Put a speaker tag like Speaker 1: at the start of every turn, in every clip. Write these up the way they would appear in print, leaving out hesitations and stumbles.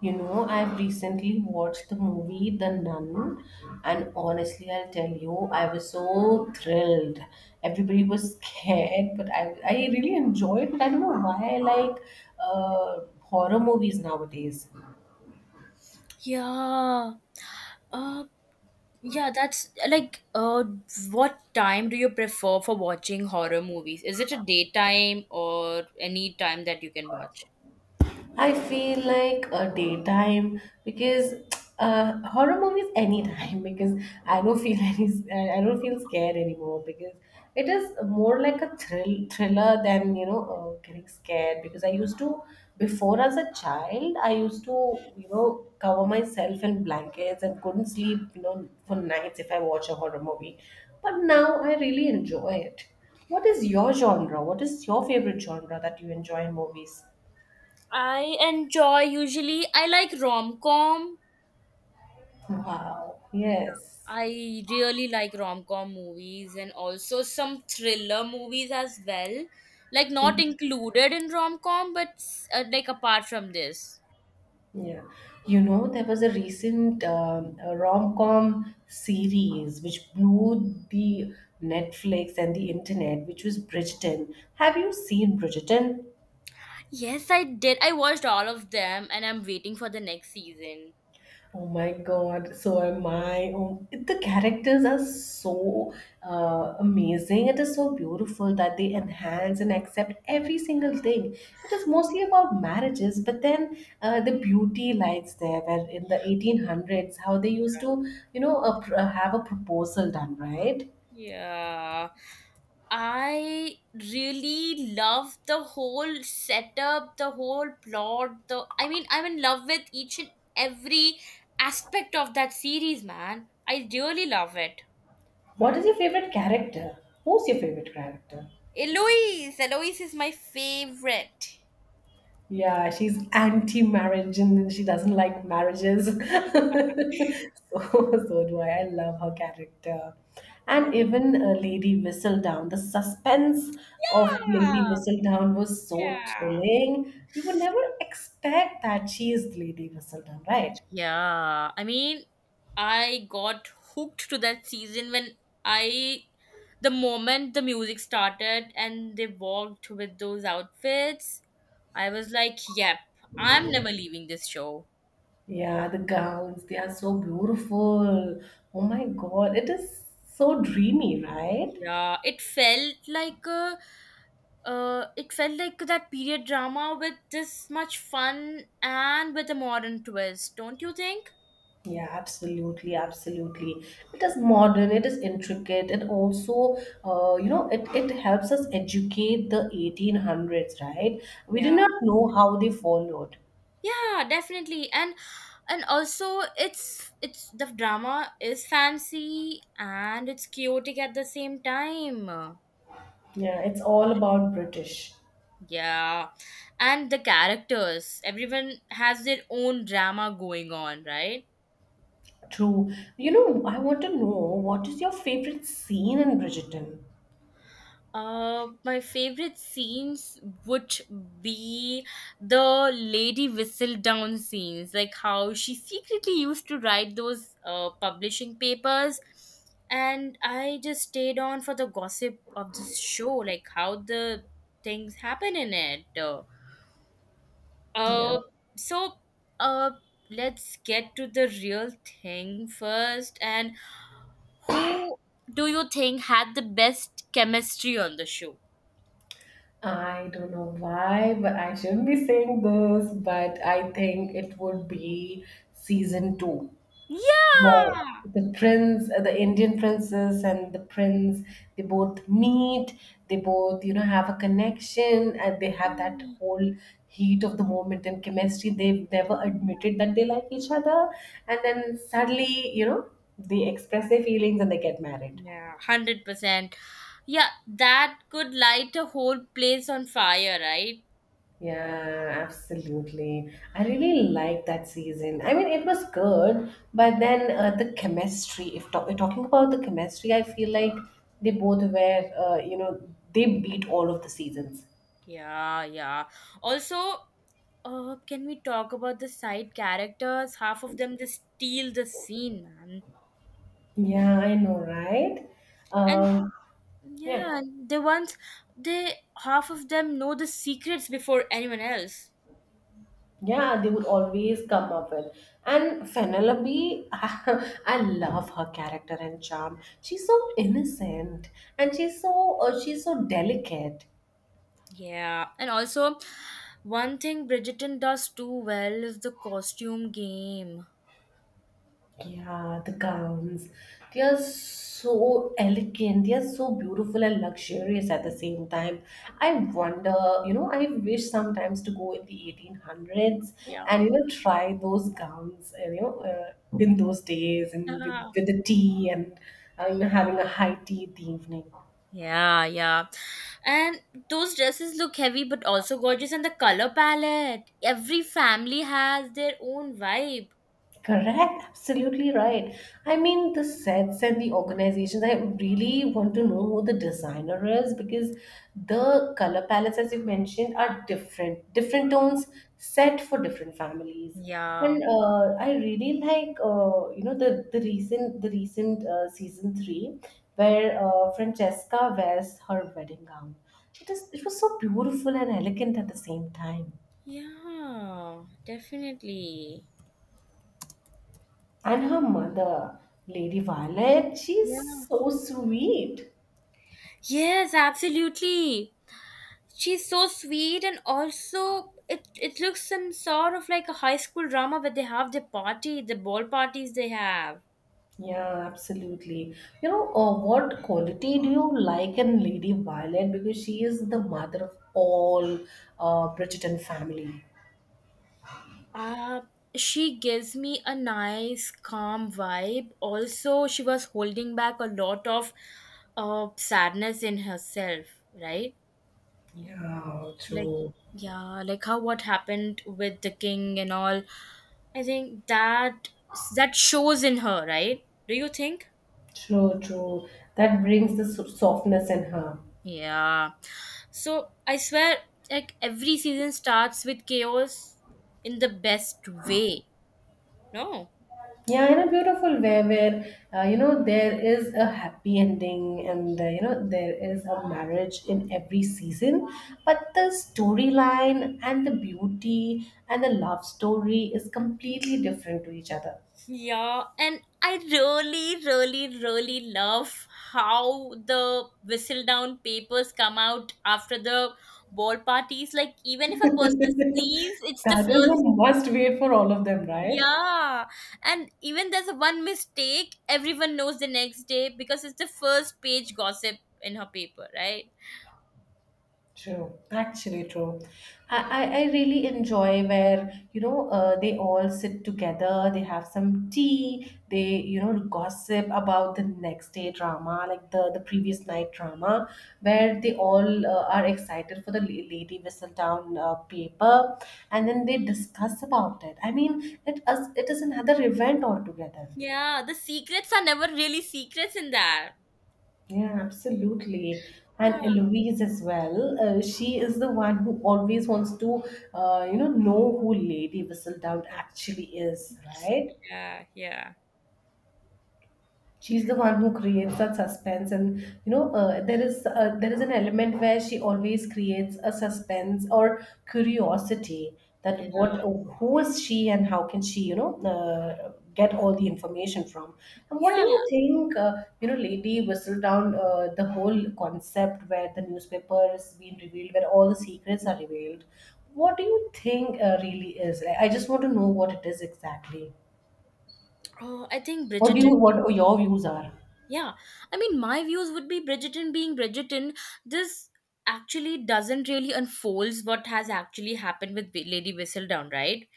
Speaker 1: You know, I've recently watched the movie The Nun, and honestly, I'll tell you, I was so thrilled. Everybody was scared, but I really enjoyed it. I don't know why I like horror movies nowadays.
Speaker 2: Yeah. Uh, yeah, that's like what time do you prefer for watching horror movies? Is it a daytime or any time that you can watch?
Speaker 1: I feel like a daytime because horror movies anytime because I don't feel any, I don't feel scared anymore because it is more like a thriller than getting scared because I used to before, as a child, I used to, you know, cover myself in blankets and couldn't sleep, you know, for nights if I watch a horror movie, but now I really enjoy it. What is your genre? What is your favorite genre that you enjoy in movies?
Speaker 2: I enjoy usually I like rom-com.
Speaker 1: Wow. Yes.
Speaker 2: I really like rom-com movies and also some thriller movies as well. Like not included in rom-com but like apart from this.
Speaker 1: Yeah. You know, there was a recent rom com series which blew the Netflix and the internet, which was Bridgerton. Have you seen Bridgerton?
Speaker 2: Yes, I did. I watched all of them and I'm waiting for the next season.
Speaker 1: Oh my God, so am I. Oh, the characters are so amazing. It is so beautiful that they enhance and accept every single thing. It is mostly about marriages, but then the beauty lies there, where in the 1800s, how they used to, have a proposal done, right?
Speaker 2: Yeah. I really love the whole setup, the whole plot, the I mean I'm in love with each and every aspect of that series, man. I really love it.
Speaker 1: What is your favorite character? Who's your favorite character?
Speaker 2: Eloise, Eloise is my favorite.
Speaker 1: Yeah, she's anti-marriage and she doesn't like marriages. So do I. I love her character.
Speaker 2: Yeah.
Speaker 1: And even Lady Whistledown, the suspense of
Speaker 2: Yeah.
Speaker 1: Lady Whistledown was so
Speaker 2: Yeah.
Speaker 1: thrilling. We would never expect that she is Lady Whistledown, right?
Speaker 2: Yeah, I mean, I got hooked to that season when I, the moment the music started and they walked with those outfits, I was like, yep, I'm never leaving this show.
Speaker 1: Yeah, the gowns, they are so beautiful. Oh my God, it is so dreamy, right?
Speaker 2: Yeah, it felt like a, it felt like that period drama with this much fun and with a modern twist, don't you think?
Speaker 1: Yeah, absolutely. It is modern, it is intricate, and also, it helps us educate the 1800s, right? We did
Speaker 2: Yeah,
Speaker 1: not know how they followed.
Speaker 2: yeah, definitely. And also it's the drama is fancy and it's chaotic at the same time.
Speaker 1: Yeah, it's all about British.
Speaker 2: Yeah, and the characters, everyone has their own drama going on, right?
Speaker 1: True. You know, I want to know, what is your favorite scene in Bridgerton?
Speaker 2: My favorite scenes would be the Lady whistle down scenes, like how she secretly used to write those publishing papers. And I just stayed on for the gossip of this show, like how the things happen in it.
Speaker 1: Yeah.
Speaker 2: Uh, so, uh, let's get to the real thing first. And who do you think had the best chemistry on the show?
Speaker 1: I don't know why, but I shouldn't be saying this, but I think it would be season two.
Speaker 2: Yeah.
Speaker 1: Right. The Indian princess and the prince, they both meet, they both, you know, have a connection, and they have that whole heat of the moment and chemistry. They've never admitted that they like each other. And then suddenly, you know, they express their feelings and they get married.
Speaker 2: Yeah, 100%. Yeah, that could light a whole place on fire, right?
Speaker 1: Yeah, absolutely. I really liked that season. I mean, it was good, but then the chemistry, if we're talking about the chemistry, I feel like they both were, they beat all of the seasons.
Speaker 2: Yeah, yeah. Also, can we talk about the side characters? Half of them, they steal the scene, man.
Speaker 1: Yeah, I know, right?
Speaker 2: And
Speaker 1: Um, yeah,
Speaker 2: yeah, and the ones they, half of them know the secrets before anyone else.
Speaker 1: yeah, they would always come up with. And Penelope, I love her character and charm. She's so innocent, and she's she's so delicate.
Speaker 2: Yeah, and also one thing Bridgerton does too well is the costume game.
Speaker 1: Yeah, the gowns. They are so elegant. They are so beautiful and luxurious at the same time. I wonder, you know, I wish sometimes to go in the 1800s
Speaker 2: Yeah.
Speaker 1: and, you know, try those gowns, in those days, and with the tea, and you know, having a high tea in the evening.
Speaker 2: Yeah, yeah. And those dresses look heavy but also gorgeous, and the color palette. Every family has their own vibe.
Speaker 1: Correct, absolutely right. I mean, the sets and the organizations, I really want to know who the designer is, because the color palettes, as you mentioned, are different, different tones set for different families. And
Speaker 2: Yeah.
Speaker 1: I really like, the recent season three where Francesca wears her wedding gown. It was so beautiful and elegant at the same time.
Speaker 2: Yeah, definitely.
Speaker 1: And her mother, Lady Violet,
Speaker 2: Yeah.
Speaker 1: she's so sweet.
Speaker 2: Yes, absolutely. She's so sweet, and also it looks some sort of like a high school drama where they have their party, the ball parties they have.
Speaker 1: Yeah, absolutely. You know, what quality do you like in Lady Violet? Because she is the mother of all Bridgerton family.
Speaker 2: Uh, she gives me a nice, calm vibe. Also, she was holding back a lot of sadness in herself, right?
Speaker 1: Yeah,
Speaker 2: Like,
Speaker 1: true.
Speaker 2: yeah, like how what happened with the king and all. I think that that shows in her, right? Do you think?
Speaker 1: True, true. That brings the softness in her.
Speaker 2: Yeah. So I swear, like every season starts with chaos in the best way. No.
Speaker 1: Yeah, in a beautiful way where you know, there is a happy ending, and you know, there is a marriage in every season, but the storyline and the beauty and the love story is completely different to each other.
Speaker 2: Yeah, and I really, really, really love how the whistle down papers come out after the ball parties. Like, even if a person sneezes, it's the
Speaker 1: That is a
Speaker 2: first.
Speaker 1: must wait for all of them, right?
Speaker 2: Yeah, and even there's one mistake, everyone knows the next day because it's the first page gossip in her paper, right?
Speaker 1: True, actually true. I really enjoy where, they all sit together, they have some tea, they, you know, gossip about the next day drama, like the previous night drama, where they all are excited for the Lady Whistledown paper, and then they discuss about it. I mean, it, as it is another event altogether.
Speaker 2: Yeah, the secrets are never really secrets in that.
Speaker 1: Yeah, absolutely. And
Speaker 2: Yeah,
Speaker 1: Eloise as well. She is the one who always wants to, know who Lady Whistledown actually is, right?
Speaker 2: yeah, yeah.
Speaker 1: She's the one who creates that suspense, and you know, there is an element where she always creates a suspense or curiosity, that
Speaker 2: Yeah.
Speaker 1: what who is she, and how can she, you know, get all the information from. And what do
Speaker 2: Yeah.
Speaker 1: you think, you know, lady Whistledown, down the whole concept where the newspaper is being revealed, where all the secrets are revealed. What do you think, really is? I just want to know what it is exactly.
Speaker 2: Oh, I think
Speaker 1: What do you,
Speaker 2: Bridgerton.
Speaker 1: what your views are?
Speaker 2: Yeah, I mean, my views would be Bridgerton being Bridgerton. This actually doesn't really unfolds what has actually happened with Lady Whistledown, right?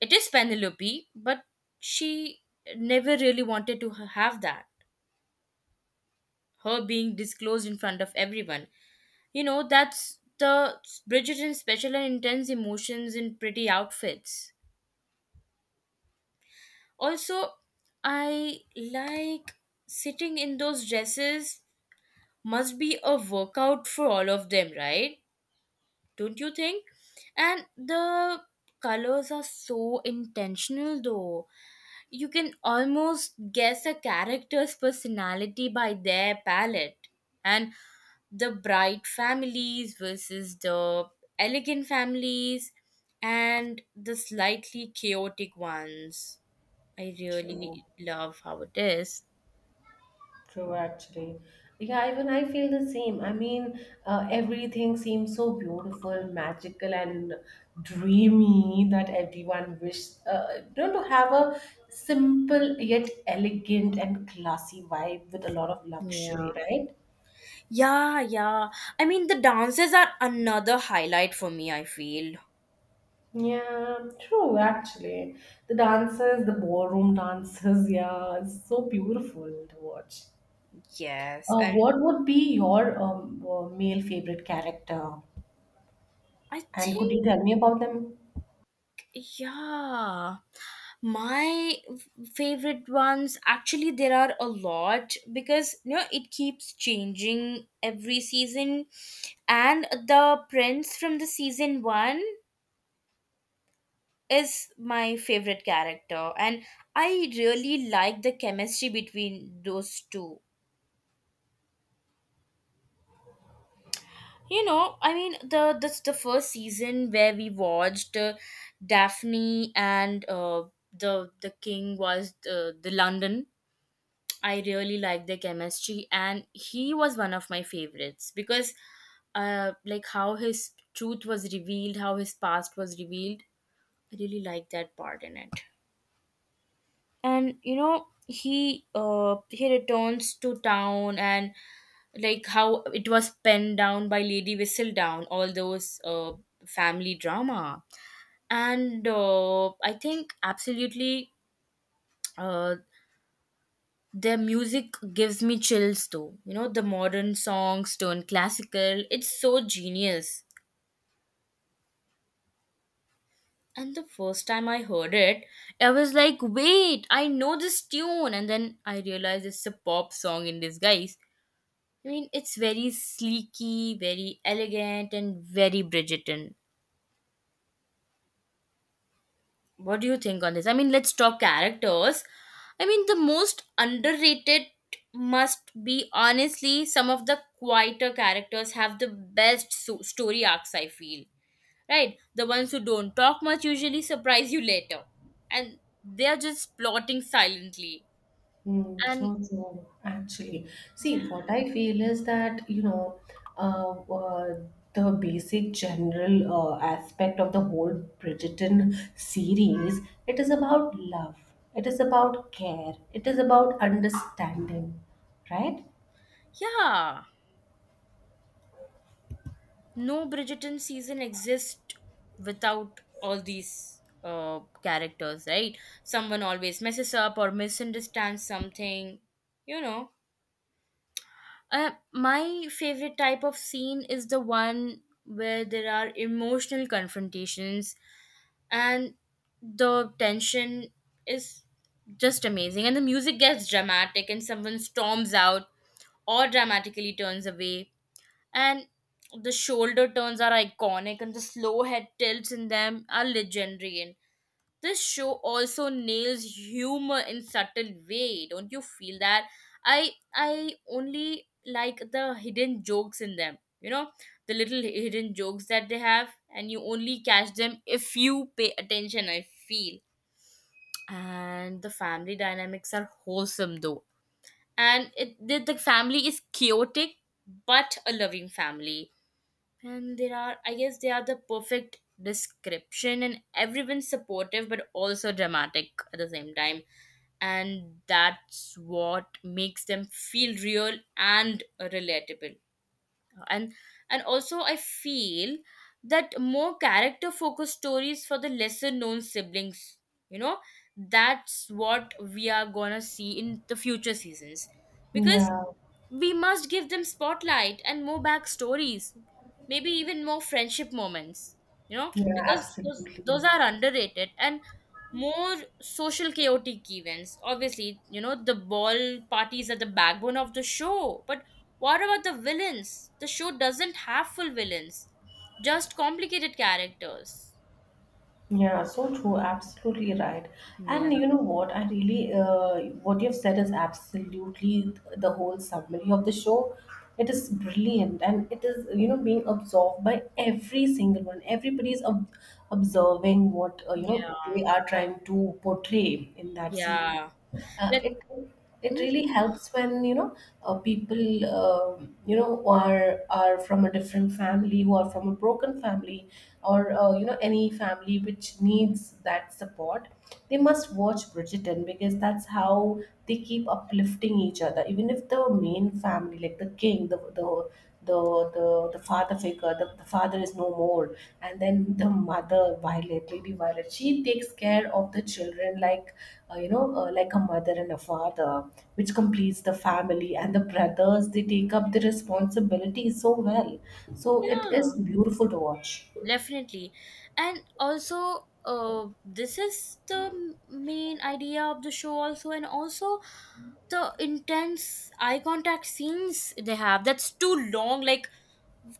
Speaker 2: It is Penelope, but she never really wanted to have that. Her being disclosed in front of everyone. You know, that's the Bridgerton's special and intense emotions in pretty outfits. Also, I like sitting in those dresses must be a workout for all of them, right? Don't you think? And the colors are so intentional though. You can almost guess a character's personality by their palette. And the bright families versus the elegant families and the slightly chaotic ones. I
Speaker 1: True.
Speaker 2: really love how it is.
Speaker 1: True, actually. Yeah, even I feel the same. I mean, everything seems so beautiful, magical, and dreamy, that everyone wishes, you know, to have a simple yet elegant and classy vibe with a lot of
Speaker 2: Yeah.
Speaker 1: luxury, right?
Speaker 2: Yeah, yeah. I mean, the dances are another highlight for me, I feel.
Speaker 1: Yeah, true, actually. The dances, the ballroom dances, yeah, it's so beautiful to watch.
Speaker 2: Yes. And.
Speaker 1: What would be your male favorite character?
Speaker 2: I
Speaker 1: And could you
Speaker 2: think,
Speaker 1: tell me about them?
Speaker 2: yeah. My favorite ones, actually, there are a lot because you know it keeps changing every season, and the prince from the season one is my favorite character, and I really like the chemistry between those two. You know, I mean, the first season where we watched Daphne and the king was the London. I really liked their chemistry, and he was one of my favorites because, like how his truth was revealed, how his past was revealed. I really liked that part in it. And you know, he returns to town, and like how it was penned down by Lady Whistledown, all those family drama. And I think absolutely, uh their music gives me chills though. You know, the modern songs turn classical, it's so genius. And the first time I heard it, I was like, wait, I know this tune, and then I realized it's a pop song in disguise. I mean, it's very sleeky, very elegant, and very Bridgerton. What do you think on this? I mean, let's talk characters. I mean, the most underrated must be, honestly, some of the quieter characters have the best story arcs, I feel. Right? The ones who don't talk much usually surprise you later. And they're just plotting silently.
Speaker 1: Mm,
Speaker 2: And
Speaker 1: sure, sure. Actually,
Speaker 2: yeah,
Speaker 1: see, what I feel is that, uh, uh, the basic general aspect of the whole Bridgerton series, it is about love, it is about care, it is about understanding, right?
Speaker 2: yeah. No Bridgerton season exists without all these characters, right? Someone always messes up or misunderstands something, you know. My favorite type of scene is the one where there are emotional confrontations, and the tension is just amazing, and the music gets dramatic, and someone storms out or dramatically turns away, and the shoulder turns are iconic, and the slow head tilts in them are legendary. And this show also nails humor in subtle way, don't you feel that? I only like the hidden jokes in them, you know, the little hidden jokes that they have, and you only catch them if you pay attention, I feel. And the family dynamics are wholesome though. And it, the family is chaotic but a loving family, and there are, I guess, they are the perfect description, and everyone's supportive but also dramatic at the same time. And that's what makes them feel real and relatable. And and also, I feel that more character focused stories for the lesser known siblings, you know, that's what we are gonna see in the future seasons, because
Speaker 1: Yeah,
Speaker 2: we must give them spotlight and more backstories, maybe even more friendship moments, you know,
Speaker 1: yeah,
Speaker 2: because those
Speaker 1: absolutely.
Speaker 2: are underrated and more social chaotic events. Obviously, you know, the ball parties are the backbone of the show, but what about the villains? The show doesn't have full villains, just complicated characters.
Speaker 1: Yeah, so true. Absolutely right.
Speaker 2: Yeah.
Speaker 1: And you know what? I really, what you've said is absolutely the whole summary of the show. It is brilliant, and it is, you know, being absorbed by every single one. Everybody's observing what, you know,
Speaker 2: Yeah,
Speaker 1: they are trying to portray in that series.
Speaker 2: yeah. Let,
Speaker 1: It it really
Speaker 2: mhm,
Speaker 1: helps when you know people, you know, are from a different family, who are from a broken family, or you know, any family which needs that support, they must watch Bridgerton, because that's how they keep uplifting each other, even if the main family, like the king, the father figure, the father is no more, and then the mother Violet, Lady Violet, she takes care of the children like, like a mother and a father, which completes the family, and the brothers, they take up the responsibility so well, so it
Speaker 2: yeah.
Speaker 1: is beautiful to watch.
Speaker 2: Definitely. And also, this is the main idea of the show also. And also the intense eye contact scenes they have, that's too long. Like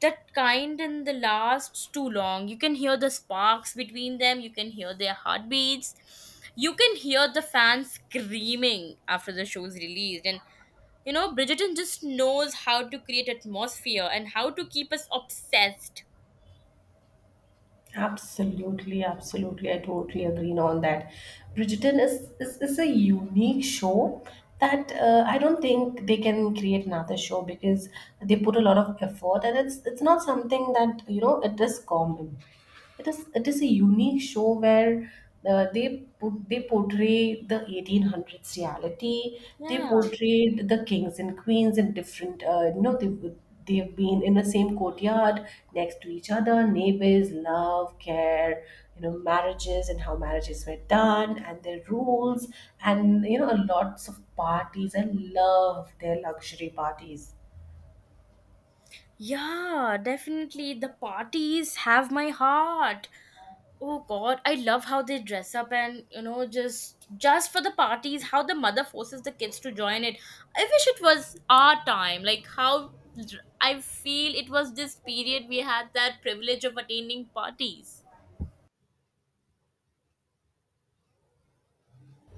Speaker 2: that kind, and the lasts too long, you can hear the sparks between them, you can hear their heartbeats, you can hear the fans screaming after the show's released. And you know, Bridgerton just knows how to create atmosphere and how to keep us obsessed.
Speaker 1: Absolutely, absolutely. I totally agree on that. Bridgerton is a unique show, that I don't think they can create another show, because they put a lot of effort, and it's not something that, you know, it is common. It is a unique show where they they portray the 1800s reality. They
Speaker 2: Yeah.
Speaker 1: portrayed the kings and queens in different. You know, they've been in the same courtyard, next to each other, neighbors, love, care, you know, marriages, and how marriages were done, and their rules, and you know, lots of parties. I love their luxury parties.
Speaker 2: Yeah, definitely. The parties have my heart. Oh god, I love how they dress up, and you know, just for the parties, how the mother forces the kids to join it. I wish it was our time. Like how, I feel it was this period we had that privilege of attending parties.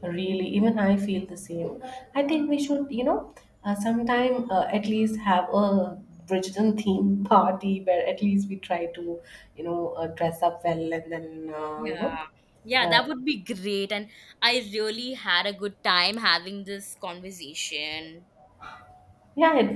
Speaker 1: Really, even I feel the same. I think we should, you know, sometime at least have a Bridgerton theme party, where at least we try to, you know, dress up well, and then,
Speaker 2: Yeah. Yeah, that
Speaker 1: uh,
Speaker 2: would be great, and I really had a good time having this conversation.
Speaker 1: yeah, it